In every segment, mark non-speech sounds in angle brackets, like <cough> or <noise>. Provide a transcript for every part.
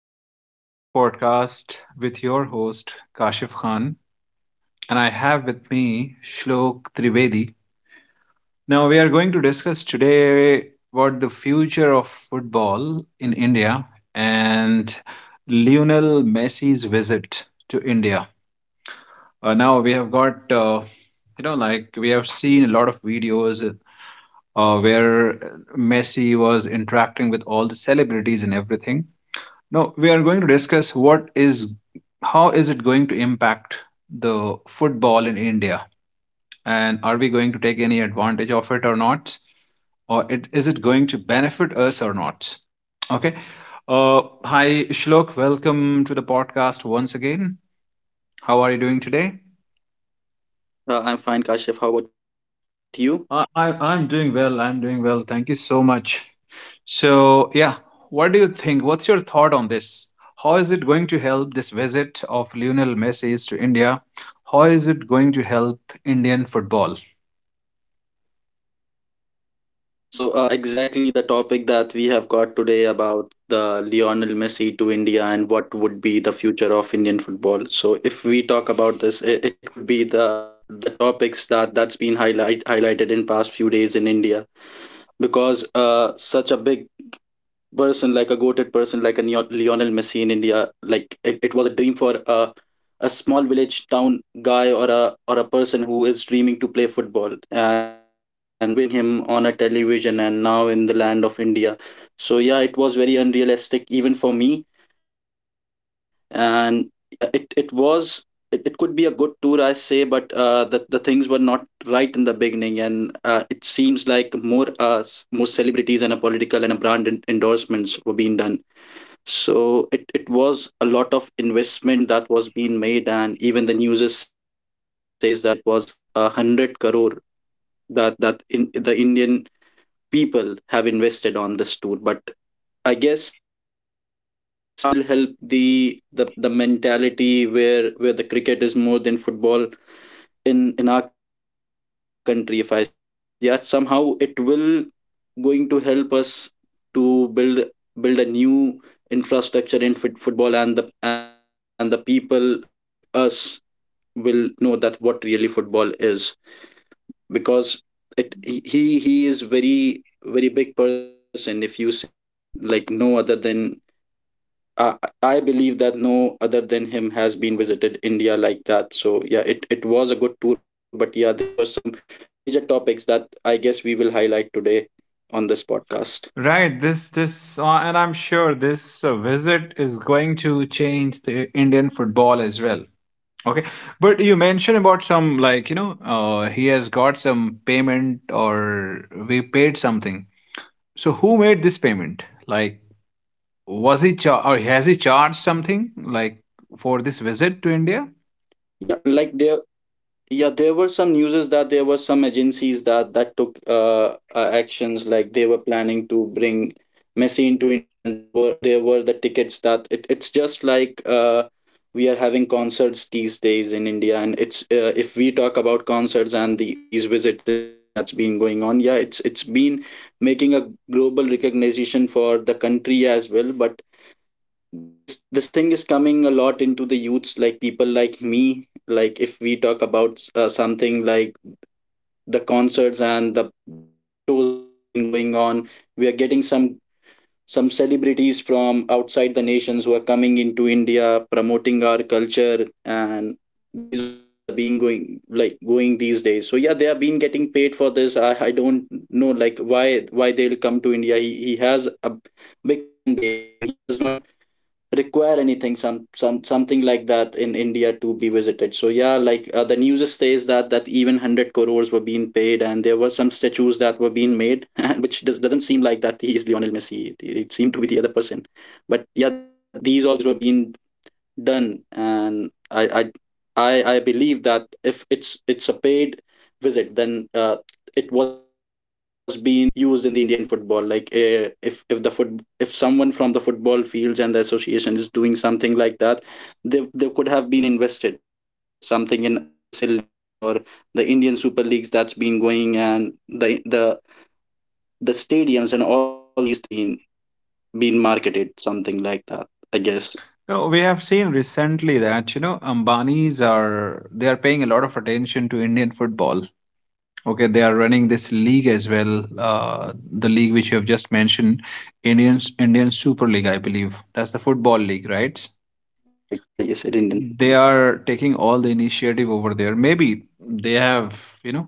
Welcome to our new podcast with your host, Kashif Khan. And I have with me Shlok Trivedi. Now, we are going to discuss today what the future of football in India and Lionel Messi's visit to India. Now, we have got, like we have seen a lot of videos where Messi was interacting with all the celebrities and everything. Now we are going to discuss what is how is it going to impact the football in India, and are we going to take any advantage of it or not, or is it going to benefit us or not? Okay. Hi Shlok, welcome to the podcast once again. How are you doing today? I'm fine, Kashif. How about you? I'm doing well. I'm doing well. Thank you so much. So, yeah, what do you think? What's your thought on this? How is it going to help this visit of Lionel Messi to India? How is it going to help Indian football? So, exactly the topic that we have got today about the Lionel Messi to India and what would be the future of Indian football. So, if we talk about this, it could be the the topics that's been highlighted in past few days in India because such a big person, like a goated person, like a Lionel Messi in India. Like it was a dream for a small village town guy or a person who is dreaming to play football and always seeing him on a television and now in the land of India. So yeah, it was very unrealistic even for me, and uh, it it was it could be a good tour I say but the things were not right in the beginning and it seems like more more celebrities and a political and a brand endorsements were being done, so it was a lot of investment that was being made, and even the news is says that it was a hundred crore that in the indian people have invested on this tour. But I guess somehow it will help the mentality where the cricket is more than football in our country, if I say so. Yeah, somehow it will going to help us to build a new infrastructure in football, and the people like us will know that what really football is, because it he is very big person if you say, like no other than I, I believe that no other than him has been visited India like that. So yeah, it was a good tour, but yeah, there were some major topics that I guess we will highlight today on this podcast. Right, this and I'm sure this visit is going to change the Indian football as well. Okay, but you mentioned about some, like, he has got some payment or we paid something. So who made this payment? Like, or has he charged something, like, for this visit to India? Yeah, like there Yeah, there were some newses that there were some agencies that took actions like they were planning to bring Messi into India, and there were the tickets that it's just like we are having concerts these days in India. And it's if we talk about concerts and these visits in India that's been going on, yeah, it's been making a global recognition for the country as well. But this thing is coming a lot into the youths, like people like me. Like if we talk about something like the concerts and the shows that's been going on, we are getting some celebrities from outside the nations who are coming into india promoting our culture, and these all things are being going like going these days. So yeah, they have been getting paid for this. I don't know, like why they'll come to india. He has a big fan base, and he does not require anything something like that in india to be visited. So yeah, like the news says that even 100 crores were being paid, and there were some statues that were being made <laughs> and which doesn't seem like that he is lionel messi. It seemed to be the other person. But yeah, these all things were being done. And I believe that if it's a paid visit, then it was being used in the Indian football. Like if the foot if someone from the football fields and the association is doing something like that, they could have been invested something in ISL leagues or the Indian Super Leagues that's been going, and the stadiums and all these things were being being marketed something like that, I guess. No, we have seen recently that Ambanis, are they are paying a lot of attention to Indian football. Okay, they are running this league as well, the league which you have just mentioned, Indian Super League, I believe. That's the football league, right? Yeah, it's ISL, Indian They Super League. are taking all the initiative over there. Maybe they have, you know,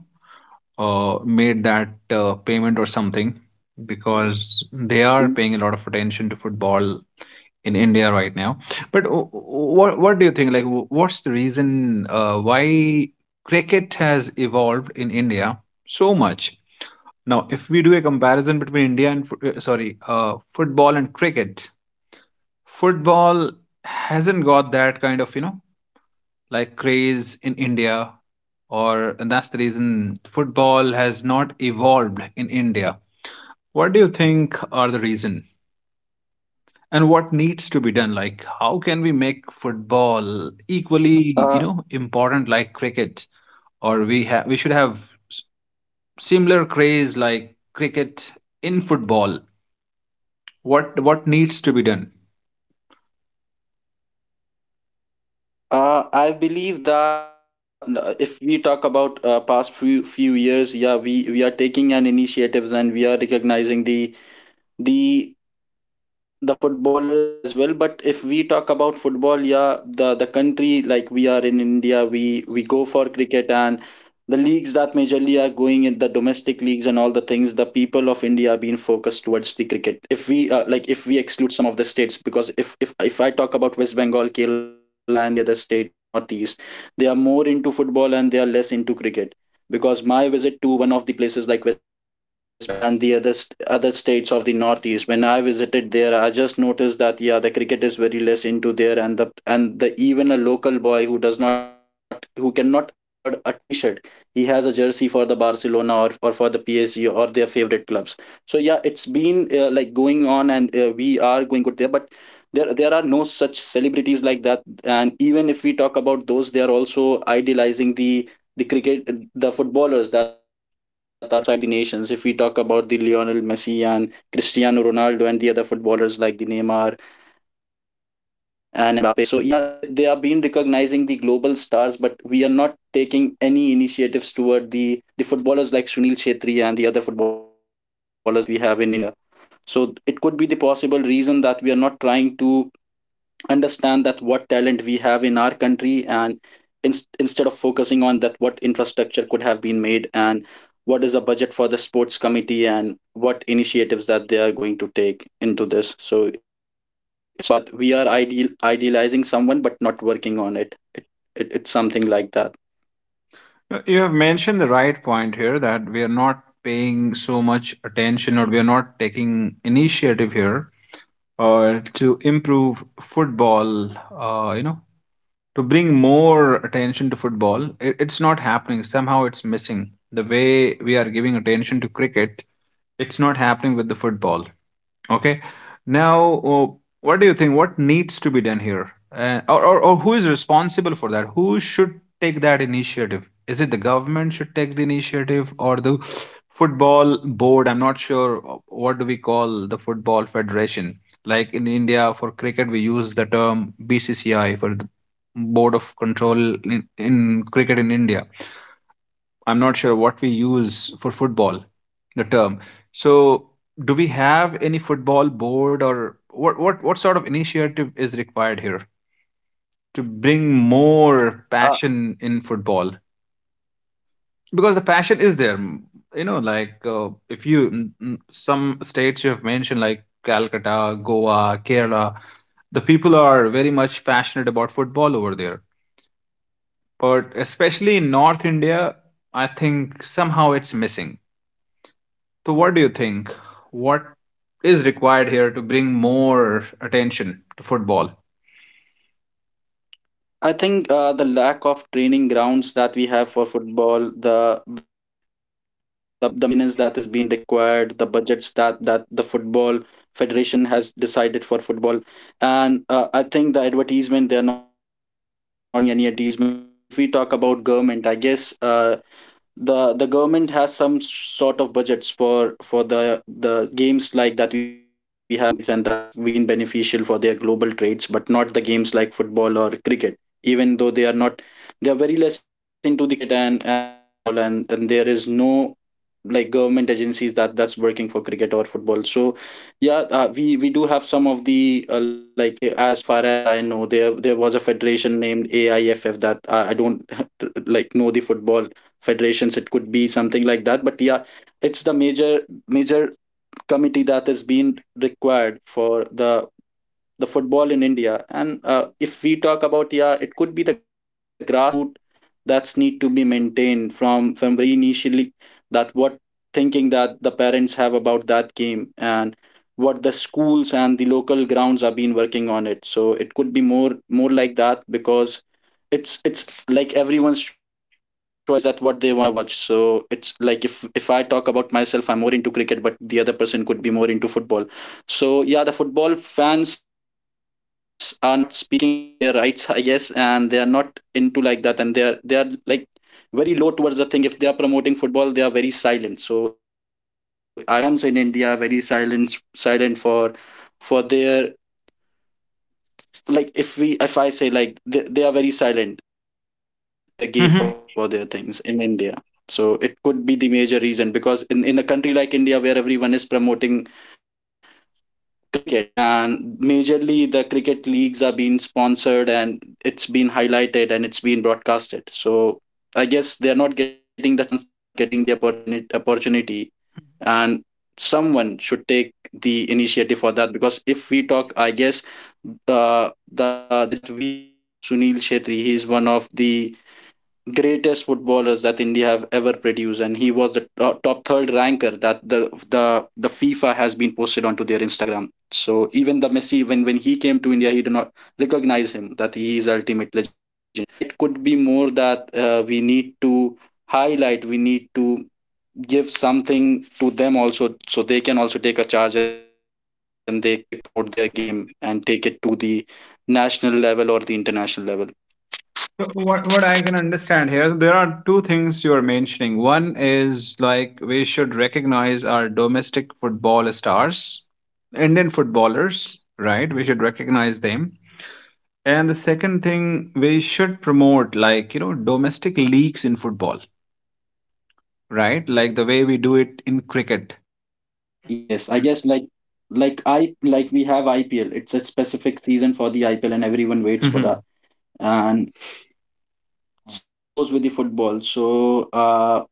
made that payment or something, because they are Mm. paying a lot of attention to football in India right now. But what do you think? Like, what's the reason why cricket has evolved in India so much? Now, if we do a comparison between India and sorry, football and cricket, football hasn't got that kind of, like, craze in India, or and that's the reason football has not evolved in India. What do you think are the reason, and what needs to be done? Like, how can we make football equally, Uh, important like cricket, or we should have s- similar craze like cricket in football? What needs to be done? I believe that yeah, if we talk about past few years, yeah, we are taking an initiatives and we are recognizing the the footballers as well. But if we talk about football, yeah, the country, like we are in india, we go for cricket, and the leagues that majorly are going in the domestic leagues and all the things, the people of india are being focused towards the cricket. If we like if we exclude some of the states, because if I talk about west bengal, kerala and the other states in northeast, they are more into football and they are less into cricket, because my visit to one of the places like west bengal and the other other states of the northeast, when I visited there, I just noticed that yeah, the cricket is very less into there. And the even a local boy who does not, who cannot afford a t-shirt, he has a jersey for the barcelona or for the psg or their favorite clubs. So yeah, it's been like going on, and we are going good there. But there are no such celebrities like that, and even if we talk about those, they are also idealizing the cricket, the footballers that are from the outside the nations. If we talk about the lionel messi and cristiano ronaldo and the other footballers like the neymar and mbappe, so yeah, they are being recognizing the global stars, but we are not taking any initiatives toward the footballers like sunil Chhetri and the other footballers that we have in india. So it could be the possible reason that we are not trying to understand that what talent we have in our country, and in, instead of focusing on that what infrastructure could have been made, and what is the budget for the sports committee, and what initiatives that they are going to take into this. So it's all about that we are idealizing someone but not working on it. It's something like that. You have mentioned the right point here: that we are not paying so much attention, or we are not taking initiative here, or to improve football, to bring more attention to football. It's not happening. Somehow it's missing. The way we are giving attention to cricket, it's not happening with the football. Okay. Now, what do you think, what needs to be done here? Or who is responsible for that? Who should take that initiative? Is it the government should take the initiative, or the football board? I'm not sure, what do we call the football federation, like, in India. For cricket we use the term BCCI, for the board of control in cricket in India. I'm not sure what we use for football, the term. So, do we have any football board? Or what sort of initiative is required here to bring more passion in football? Because the passion is there. Like, if you, some states you have mentioned, like Calcutta, Goa, Kerala, the people are very much passionate about football over there, but especially in North India, I think somehow it's missing. So, what do you think? What is required here to bring more attention to football? I think the lack of training grounds that we have for football, the maintenance that is being required, the budgets that the football federation has decided for football, and I think the advertisement, they are not getting any advertisement. Because if we talk about government, I guess the government has some sort of budgets for the games like that we have in olympics, and that's been beneficial for their global trades but not the games like football or cricket. Even though they are not, they are very less into the cricket and the football, and there is no like government agencies that that's working for cricket or football. So yeah, we do have some of the like as far as I know, there was a federation named aiff, that I don't <laughs> like know the football federations, it could be something like that. But yeah, it's the major committee that is being required for the football in india. And if we talk about, yeah, it could be the grassroots that's need to be maintained from very initially, that what thinking that the parents have about that game and what the schools and the local grounds are been working on it. So it could be more like that, because it's like everyone's choice that what they want to watch. So it's like if I talk about myself, I'm more into cricket, but the other person could be more into football. So yeah, the football fans are not speaking up for their rights <laughs> I guess, and they are not into like that, and they are like very low towards the thing. If they are promoting football, they are very silent. So I would say the football fans in india are very silent for their, like if we if I say like they are very silent for their game Mhm. and for for their things in india. So it could be the major reason because in a country like india where everyone is promoting cricket, and majorly the cricket leagues are being sponsored, and it's been highlighted and it's been broadcasted. So I guess they are not getting the chance, they are not getting the opportunity. And someone should take the initiative for that, because if we talk, I guess uh, the legend that we have, sunil shetty, he is one of the greatest footballers that India have ever produced, and he was the top third ranker that the FIFA has been posted onto their Instagram. So even the Messi, when he came to India, he did not recognize him, that he is ultimate legend. So yeah, it could be more that we need to highlight, we need to give something to them also, so they can also take a charge and they could promote their game and take it to the national level or the international level. So what I can understand here, there are two things you're mentioning. One is, like, we should recognize our domestic football stars, Indian footballers, right? We should recognize them. And the second thing, we should promote, like, domestic leagues in football, right? Like the way we do it in cricket. Yes, I <laughs> guess like we have IPL. It's a specific season for the IPL, and everyone waits for Mhm, that. And Mm. same goes with the football. So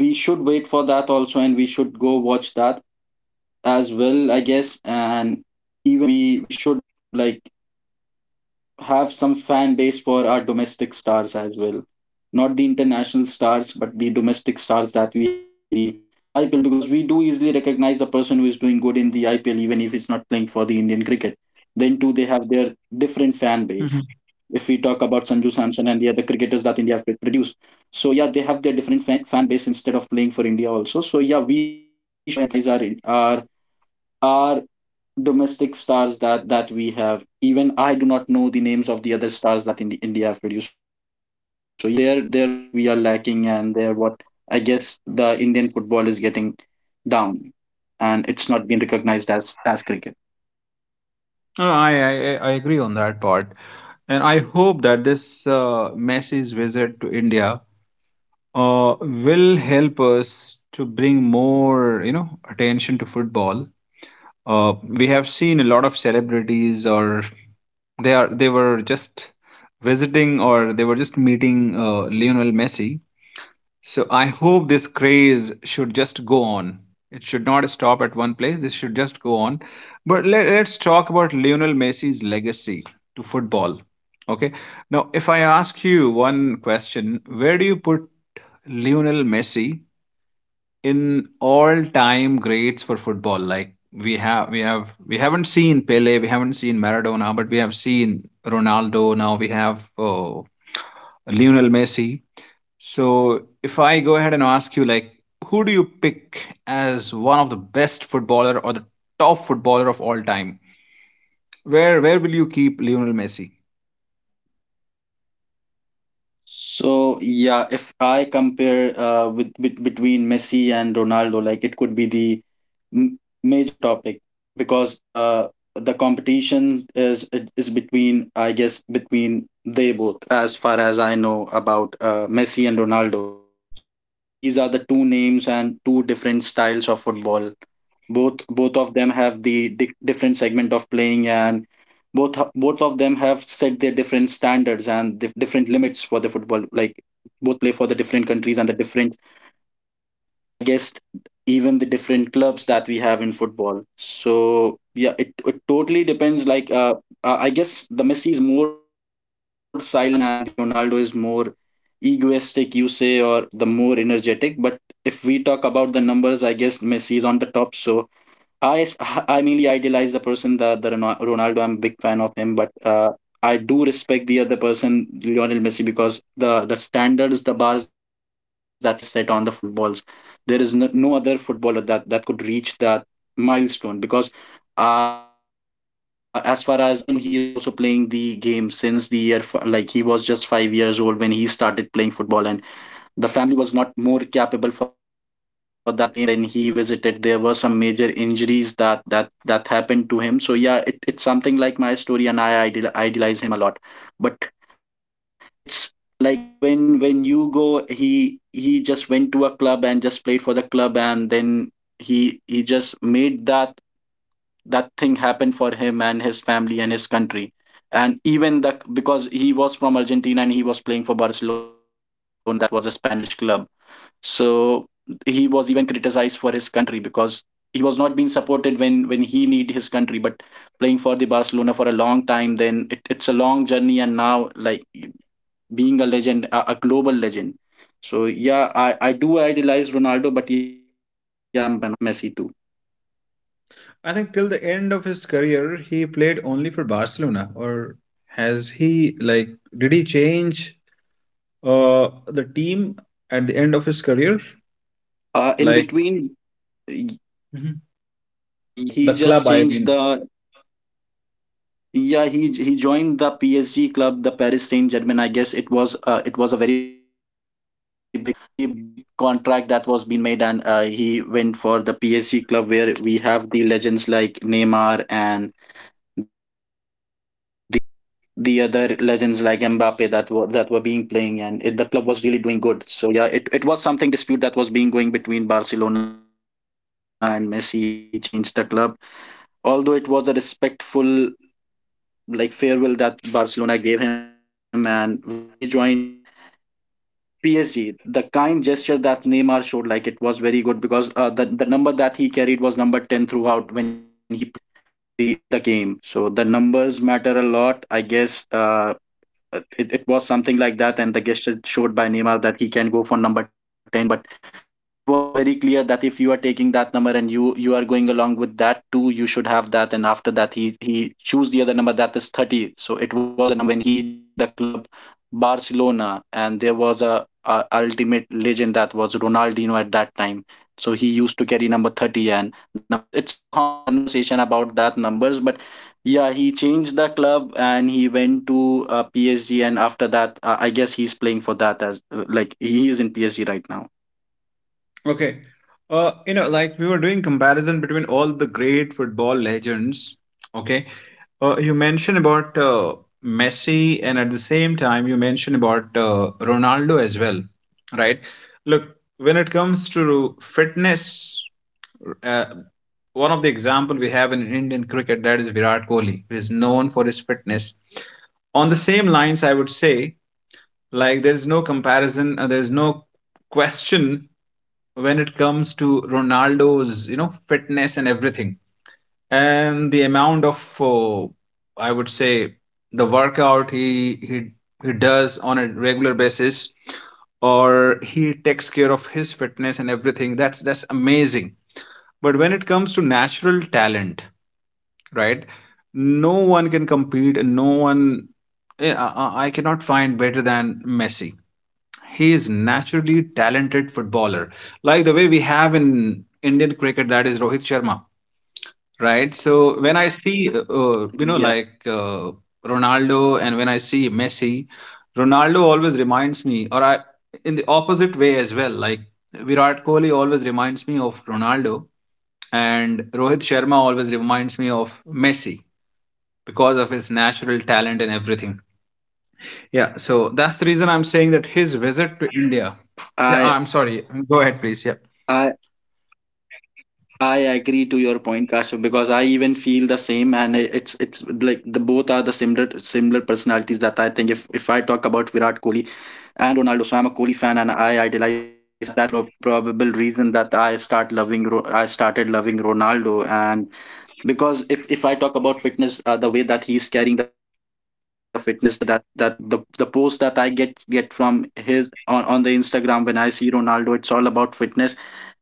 we should wait for that also, and we should go watch that as well, I guess. And even we should like have some fan base for our domestic stars as well. Not the international stars, but the domestic stars that we have in the IPL because we do easily recognize a person who is doing good in the IPL even if he's not playing for the Indian cricket. Then too they have their different fan base. mhm. If we talk about Sanju Samson and the other cricketers that India have produced. So yeah, they have their different fan base instead of playing for India also. So yeah, we should go and recognize our are domestic stars that we have. Even I do not know the names of the other stars that in India have produced. So yeah, it, they're what we are lacking, and they're what I guess the Indian football is getting down, and it's not being recognized as cricket. No, I agree on that part, and I hope that this Messi's visit to India will help us to bring more attention to football. We have seen a lot of celebrities, or they were just visiting, or they were just meeting Lionel Messi. So I hope this craze should just go on. It should not stop at one place. This should just go on. But let's talk about Lionel Messi's legacy to football. Okay. Now, if I ask you one question, where do you put Lionel Messi in all-time greats for football? Like, we haven't seen Pele, we haven't seen Maradona, but we have seen Ronaldo. Now we have, Lionel Messi. So if I go ahead and ask you, like, who do you pick as one of the best footballer, or the top footballer of all time? Where will you keep Lionel Messi? So yeah, if I compare with between Messi and Ronaldo, like it could be the m- major topic because the competition is it is between I guess between they both as far as I know about Messi and Ronaldo. So yeah, these are the two names and two different styles of football. Both of them have the different segment of playing, and both of them have set their different standards and different limits for the football. Like both play for the different countries and the different, I guess, even the different clubs that we have in football. So yeah it totally depends like I guess the Messi is more silent one and the Ronaldo is more egoistic you say, or the more energetic. But if we talk about the numbers, I guess Messi is on the top. So I s- <laughs> I mainly idolize the person that the Ronaldo. I'm a big fan of him, but I do respect the other person, Lionel Messi, because the standards, the bars that he has set on the footballs, there is no, no other footballer that that could reach that milestone. Because as far as I know, he is also playing the game since the year like he was just 5 years old when he started playing football, and the family was not more capable for that game. And then he visited, there were some major injuries that that happened to him. So yeah it, it's something like my story, and I idealize him a lot. But it's like when you go, he just went to a club and just played for the club, and then he just made that that thing happened for him and his family and his country. And even the, because he was from Argentina and he was playing for Barcelona that was a Spanish club, so he was even criticized for his country because he was not being supported when he need his country. But playing for the Barcelona for a long time, then it, it's a long journey, and now like being a legend, a global legend. So yeah, I do idolize Ronaldo, but yeah I'm a big fan of Messi too. I think till the end of his career, he played only for Barcelona. Or has he, like, did he change the team at the end of his career? In Like, between, mhm. yeah, he The just club, changed I mean. the, yeah he joined the PSG club, the Paris Saint-Germain. I guess it was a very big contract that was being made, and he went for the PSG club where we have the legends like Neymar and the the other legends like Mbappe that were being playing, and it, the club was really doing good. So yeah, it was something dispute that was being going between Barcelona and Messi, and after that he changed the club, although it was a respectful like farewell that Barcelona gave him. And when he joined PSG, the kind gesture that Neymar showed, like it was very good, because the number that he carried was number ten throughout when he played the game. So the numbers matter a lot, I guess. It, it was something like that, and the gesture showed by Neymar that he can go for number ten, but he was very clear that if you are taking that number and you are going along with that too, you should have that. And after that, he chose the other number that is 30. So it was the number when he joined the club Barcelona, and there was a ultimate legend that was Ronaldinho at that time. So he used to carry number 30 and number 10. So it's a long conversation about that numbers. But yeah, he changed the club and he went to PSG, and after that, I guess he's playing for that as like he is in PSG right now. Okay. Like, we were doing comparison between all the great football legends. Okay. You mentioned about Messi, and at the same time, you mentioned about Ronaldo as well, right? Look, when it comes to fitness, uh, one of the example we have in Indian cricket, that is Virat Kohli, who is known for his fitness. On the same lines, I would say, like, there is no comparison, there is no question when it comes to Ronaldo's, fitness and everything, and the amount of, I would say, the workout he does on a regular basis, or he takes care of his fitness and everything. That's amazing. But when it comes to natural talent, right? No one can compete. No one. I cannot find better than Messi. He is naturally talented footballer, like the way we have in Indian cricket, that is Rohit Sharma. Right, so when I see, Yeah. like, Ronaldo, and when I see Messi, Ronaldo always reminds me, or I in the opposite way as well, like, Virat Kohli always reminds me of Ronaldo, and Rohit Sharma always reminds me of Messi, because of his natural talent and everything. Yeah, so that's the reason I'm saying, that his visit to India. Yeah, I I'm sorry. Go ahead, please. Yeah. I I agree to your point, Kashyap, because I even feel the same, and it's like the both are the similar personalities that I think. If I talk about Virat Kohli and Ronaldo, so I'm a Kohli fan and I idolize, so that that could be the probable reason that I I started loving Ronaldo. And because if, i talk about fitness, the way that he is carrying the fitness, the way that that the post that I get from his on the Instagram, when I see Ronaldo, it's all about fitness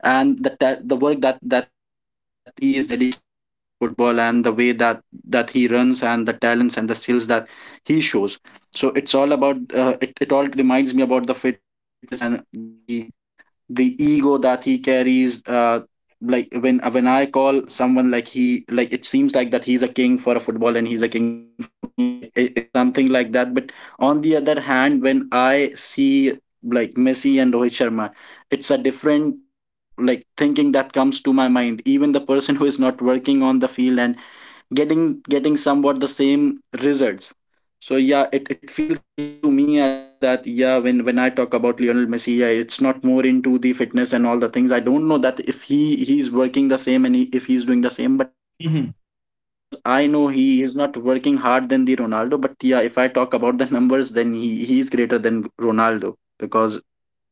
and the the work that he is dedicated toward the football, and the way that he runs and the talents and the skills that he shows. So it's all about it, it all reminds me about the fitness and the ego that he carries like when I call someone like he, like it seems like that he's a king for a football and he's a king for a cricket for me. Like it, it's something like that. But on the other hand, when I see like Messi and Rohit Sharma, it's a different like thinking that comes to my mind. Even the person who is not working on the field and getting somewhat the same results. So yeah it feels the same to me as well. That yeah, when I talk about Lionel Messi, yeah, it's not more into the fitness and all the things. I don't know that if he he's working the same and he, if he's doing the same. But Mhm. as far as I know, he is not working hard than the Ronaldo. But yeah, if I talk about the <laughs> numbers, then he is greater than Ronaldo. Because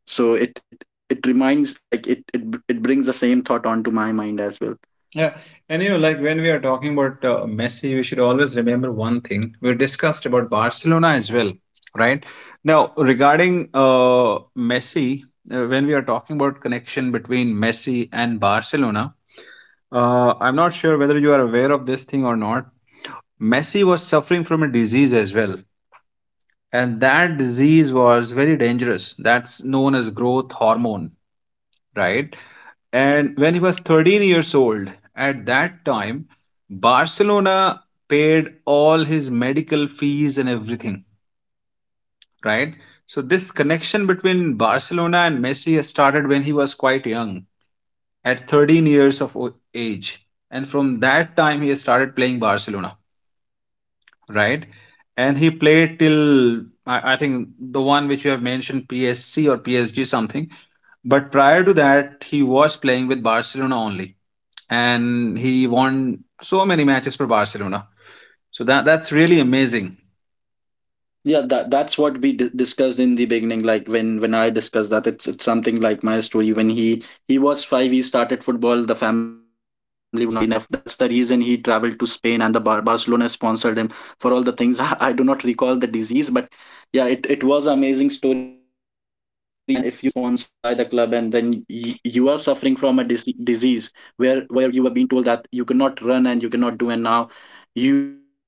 so it reminds like it brings the same thought onto my mind as well. Yeah. And, like, when we are talking about Messi, we should always remember one thing. We discussed about Barcelona as well, right? Now, regarding Messi, when we are talking about connection between Messi and Barcelona, I'm not sure whether you are aware of this thing or not. Messi was suffering from a disease as well, and that disease was very dangerous. That's known as growth hormone, right? And when he was 13 years old, at that time, Barcelona paid all his medical fees and everything, right? So this connection between Barcelona and Messi has started when he was quite young, at 13 years of age. And from that time, he has started playing Barcelona, right? And he played till, I think, the one which you have mentioned, PSC or PSG something. But prior to that, he was playing with Barcelona only, and he won so many matches for Barcelona. So that's really amazing. Yeah, that that's what we d discussed in the beginning. Like when I discussed that, it's something like my story. When he was five, he started football. The family was not enough. That's the reason he traveled to Spain, and the Barcelona sponsored him for all the things. <laughs> I do not recall the disease, but yeah, it was an amazing story. And if you are being sponsored by the club, and then y you are suffering from a disease where you were being told that you cannot run and you cannot do, and now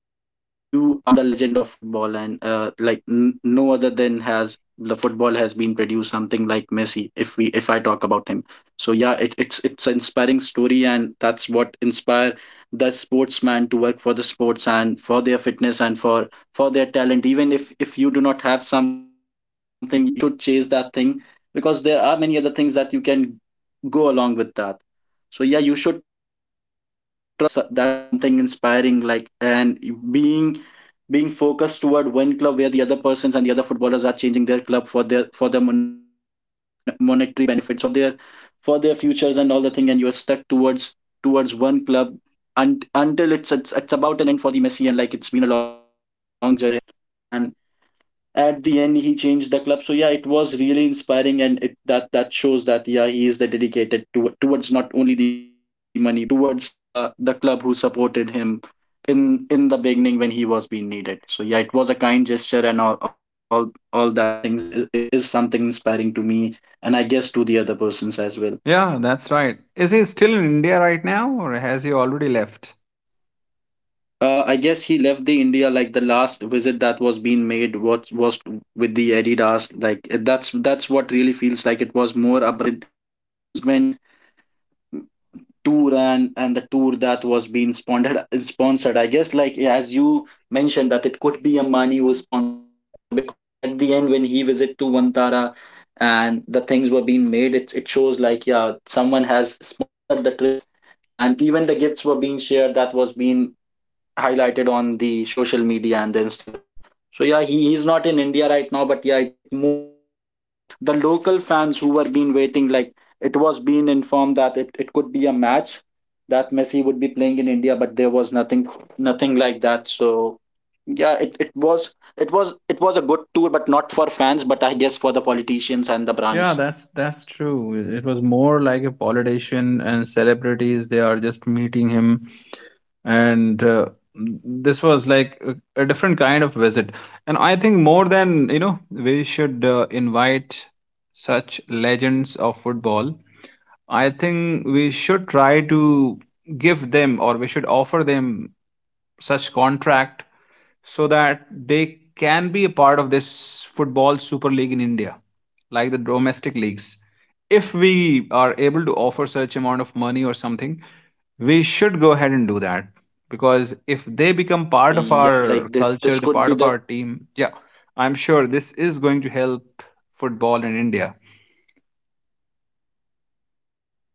you are the legend of football. And like n no other than has the football has been produced something like Messi. If we if I talk about him, so yeah, it, it's an inspiring story, and that's what inspire the sportsman to work for the sports and for their fitness and for their talent. Even if you do not have something, you should chase that thing because there are many other things that you can go along with that. So yeah, you should try, and that's that's something inspiring, like. And being being focused toward one club where the other persons and the other footballers are changing their club for their for the monetary benefits or for their futures and all the thing, and you're stuck towards towards one club. And until it's about an end for the Messi, and like, it's been a long journey for him. And at the end he changed the club. So yeah, it was really inspiring, and it that shows that yeah, he is the dedicated to, towards not only the money but towards the club who supported him in the beginning when he was being needed. So yeah, it was a kind gesture and all that things is something inspiring to me, and I guess to the other persons as well. Yeah, that's right. Is he still in India right now, or has he already left? I guess he left the India, like the last visit that was being made was with the Adidas, like that's what really feels like. It was more a brand endorsement tour, and the tour that was being sponsored, I guess. Like yeah, as you mentioned, that it could be Ambani who sponsored that trip, because at the end when he visit to Vantara and the things were being made, it shows like yeah, someone has sponsored the trip, and even the gifts were being shared that was being highlighted on the social media and the Instagram. So yeah, he is not in India right now, but yeah, it moves because the local fans who were been waiting, like it was being informed that it could be a match that Messi would be playing in India, but there was nothing nothing like that. So yeah, it was it was it was a good tour, but not for fans, but I guess for the politicians and the Yeah, that's brands. that's true. It was more like a politician and celebrities. They are just meeting him. And this was like a different kind of visit, and I think, more than, we should invite such legends of football. I think we should try to give them, or we should offer them, such contract, so that they can be a part of this football super league in India, like the domestic leagues. If we are able to offer such amount of money or something, we should go ahead and do that, because if they become part of our Yeah, like culture, this the this part of could our be the. team, yeah, I'm sure this is going to help football in India.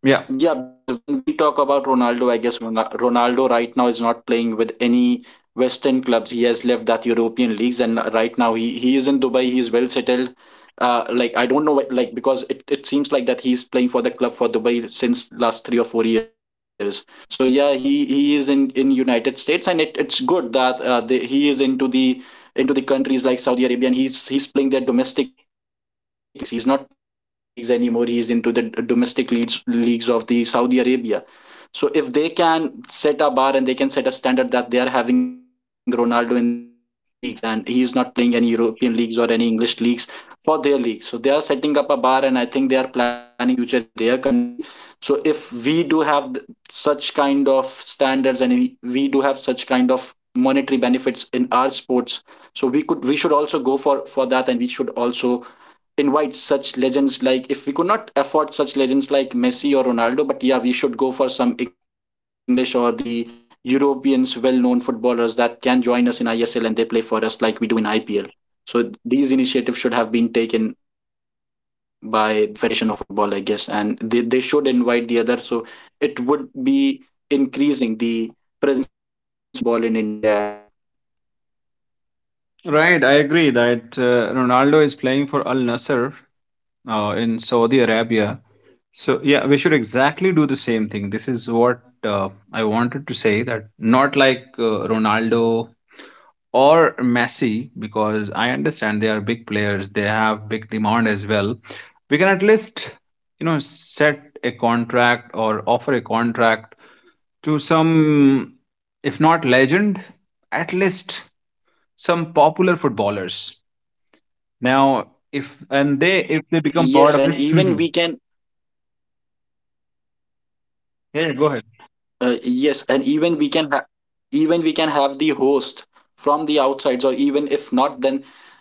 Yeah. Yeah, because when we talk about Ronaldo, I guess Ronaldo right now is not playing with any Western clubs. He has left that European leagues, and right now he is in Dubai. He is well settled. Like I don't know why, like, because it seems like that he is playing for the club for Dubai since last 3 or 4 years. So yeah, he is in United States, and it's good that he is into the countries like Saudi Arabia, and he's playing their domestic leagues. He's not playing the European leagues anymore. He's into the domestic leagues of the Saudi Arabia. So if they can set a bar and they can set a standard that they are having Ronaldo in their domestic leagues, and he is not playing any European leagues or any English leagues for their league. So they are setting up a bar, and I think they are planning for the future in their country. So if we do have such kind of standards, and we do have such kind of monetary benefits in our sports, so we should also go for that, and we should also invite such legends. Like if we could not afford such legends like Messi or Ronaldo, but yeah, we should go for some English or the Europeans well known footballers that can join us in ISL and they play for us like we do in IPL. So these initiatives should have been taken by the Federation of Football, I guess, and they should invite the other. So it would be increasing the presence of football in India as well. Right, I agree that Ronaldo is playing for Al Nasser, in Saudi Arabia. So yeah, we should exactly do the same thing. This is what I wanted to say, that not like Ronaldo or Messi, because I understand they are big players, they have big demand as well. We can at least, set a contract or offer a contract to some, if not legend, at least some popular footballers now, if they become part Yes, of this, and <laughs> yeah, even we can. go ahead. Yes, and even we can have even we can have the host from the outsides, or even if not, then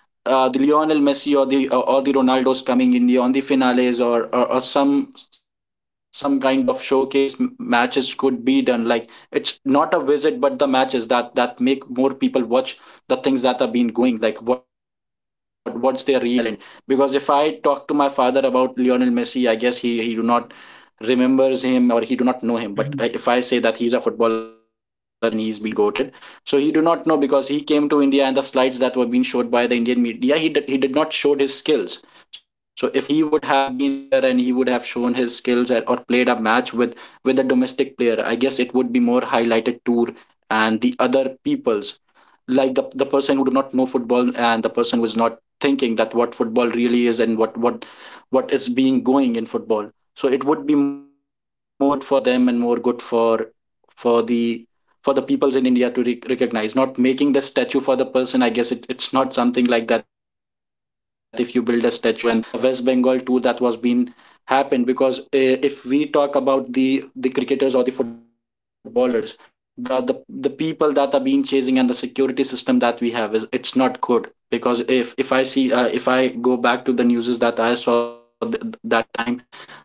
the Lionel Messi or the Ronaldo's coming in the on the finales, or some kind of showcase matches could be done. Like, it's not a visit, but the matches that make more people watch the things that are being going. Like, what's their real talent? Because if I talk to my father about Lionel Messi, I guess he do not remembers him, or he do not know Mhm. him. But if I say that he is a footballer and he's been goated, so he do not know, because he came to India and the slides that were being showed by the Indian media, he he did not showed his skills. So if he would have been here and he would have shown his skills at, or played a match with a domestic player, I guess it would be more highlighted tour, and the other peoples, like the person who do not know football and the person who is not thinking that what football really is, and what what is being going in football, so it would be more good for them, and more good for the for the peoples in India to recognize. Not making the statue for the person, I guess it's not something like that. If you build a statue, and the West Bengal tour that was being happened, because if we talk about the cricketers or the footballers, the the the people that are being chasing, and the security system that we have is it's not good. Because if I see if I go back to the newses that I saw that time,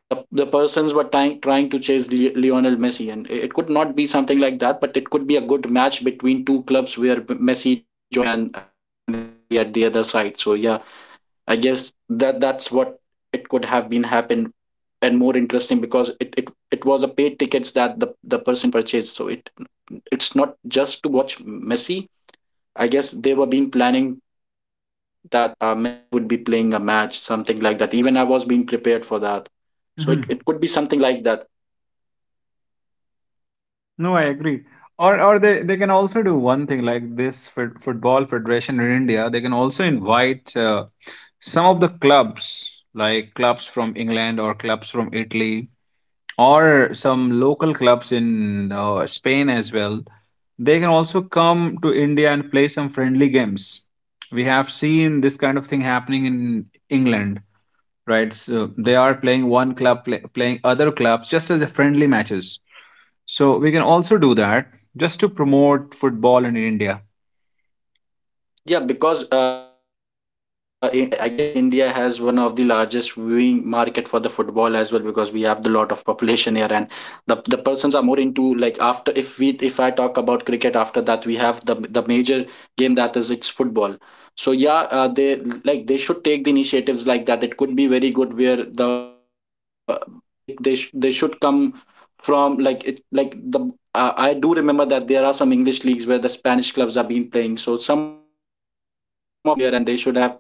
the persons were trying to chase Lionel Messi, and it could not be something like that, but it could be a good match between two clubs where Messi joined, and the Sunil Shetty at the other side. So yeah, I guess that's what it could have been happened, and more interesting because it it was a paid tickets that the person purchased. So it it's not just to watch Messi. I guess they were been planning that Messi would be playing a match, something like that. Even I was being prepared for that. So Mhm. it could be something like that. No, I agree. Or they can also do one thing like this for football federation in India. They can also invite some of the clubs, like clubs from England, or clubs from Italy, or some local clubs in Spain as well. They can also come to India and play some friendly games. We have seen this kind of thing happening in England, right? So they are playing one club, playing other clubs just as a friendly matches. So we can also do that, just to promote football in India. Yeah, because in India, I guess India has one of the largest viewing market for the football as well, because we have the lot of population here, and the persons are more into like, after if I talk about cricket, after that we have the major game that is it's football. So yeah, they, like they should take the initiatives like that. It could be very good where the they they should come from, like it, like the I do remember that there are some English leagues where the Spanish clubs are being playing. So some of the Indian clubs should go there, and they should have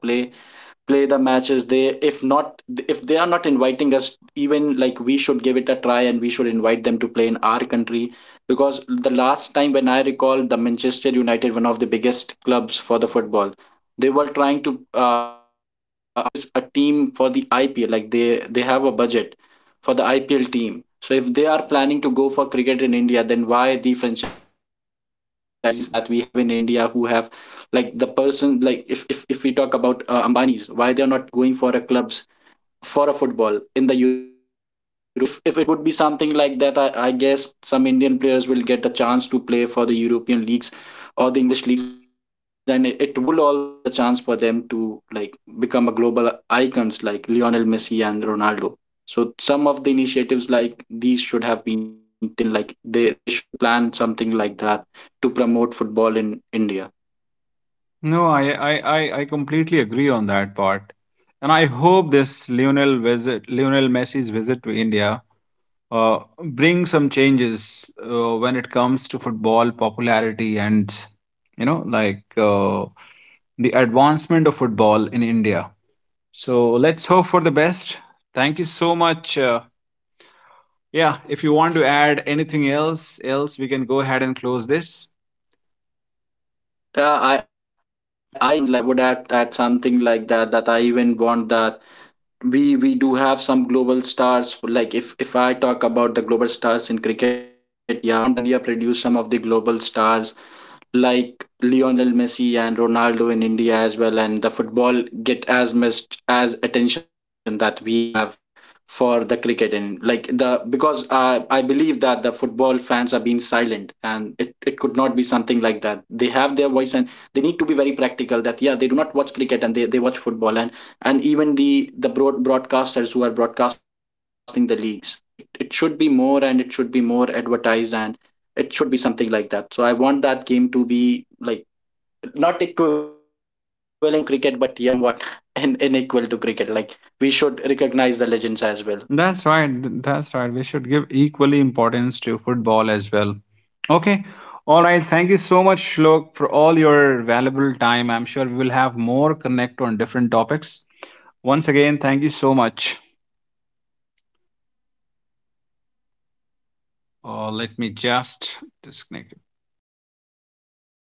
play the matches. They, if not, if they are not inviting us, even like we should give it a try, and we should invite them to play in our country. Because the last time when I recall, the Manchester United, one of the biggest clubs for the football, they were trying to purchase a team for the IPL, like they have a budget for the IPL team. So if they are planning to go for cricket in India, then why the franchisees that we have in India who have, like the person, like if we talk about Ambanis, why they are not going for a clubs, for a football in the European leagues. Like if it would be something like that, I guess some Indian players will get the chance to play for the European leagues or the English leagues, and it will also increase the chance for them to like become a global icons like Lionel Messi and Ronaldo. So some of the initiatives like these should have been taken. Like they should plan something like that to promote football in India. No, I completely agree on that part. And I hope this Lionel Messi's visit to India, brings some changes when it comes to football popularity and, like, the advancement of football in India. So let's hope for the best. Thank you so much, yeah, if you want to add anything else we can go ahead and close this. Yeah, I even want like I would add something like that, that I even want that we do have some global stars. Like if I talk about the global stars in cricket, yeah, I also want that India produce some of the global stars like Lionel Messi and Ronaldo in India as well, and the football get as much as attention that we have for the cricket, and like the, because I believe that the football fans are being silent, and it could not be something like that. They have their voice, and they need to be very practical, that yeah, they do not watch cricket, and they watch football, and even the broadcasters who are broadcasting the leagues, it should be more, and it should be more advertised, and it should be something like that. So I want that game to be like not equivalent to cricket, but yeah, somewhat <laughs> in, unequal to cricket. Like we should recognize the legends as well. That's right. That's right. We should give equally importance to football as well. Okay. All right. Thank you so much, Shlok, for all your valuable time. I'm sure we will have more connect on different topics. Once again, thank you so much. Let me just disconnect.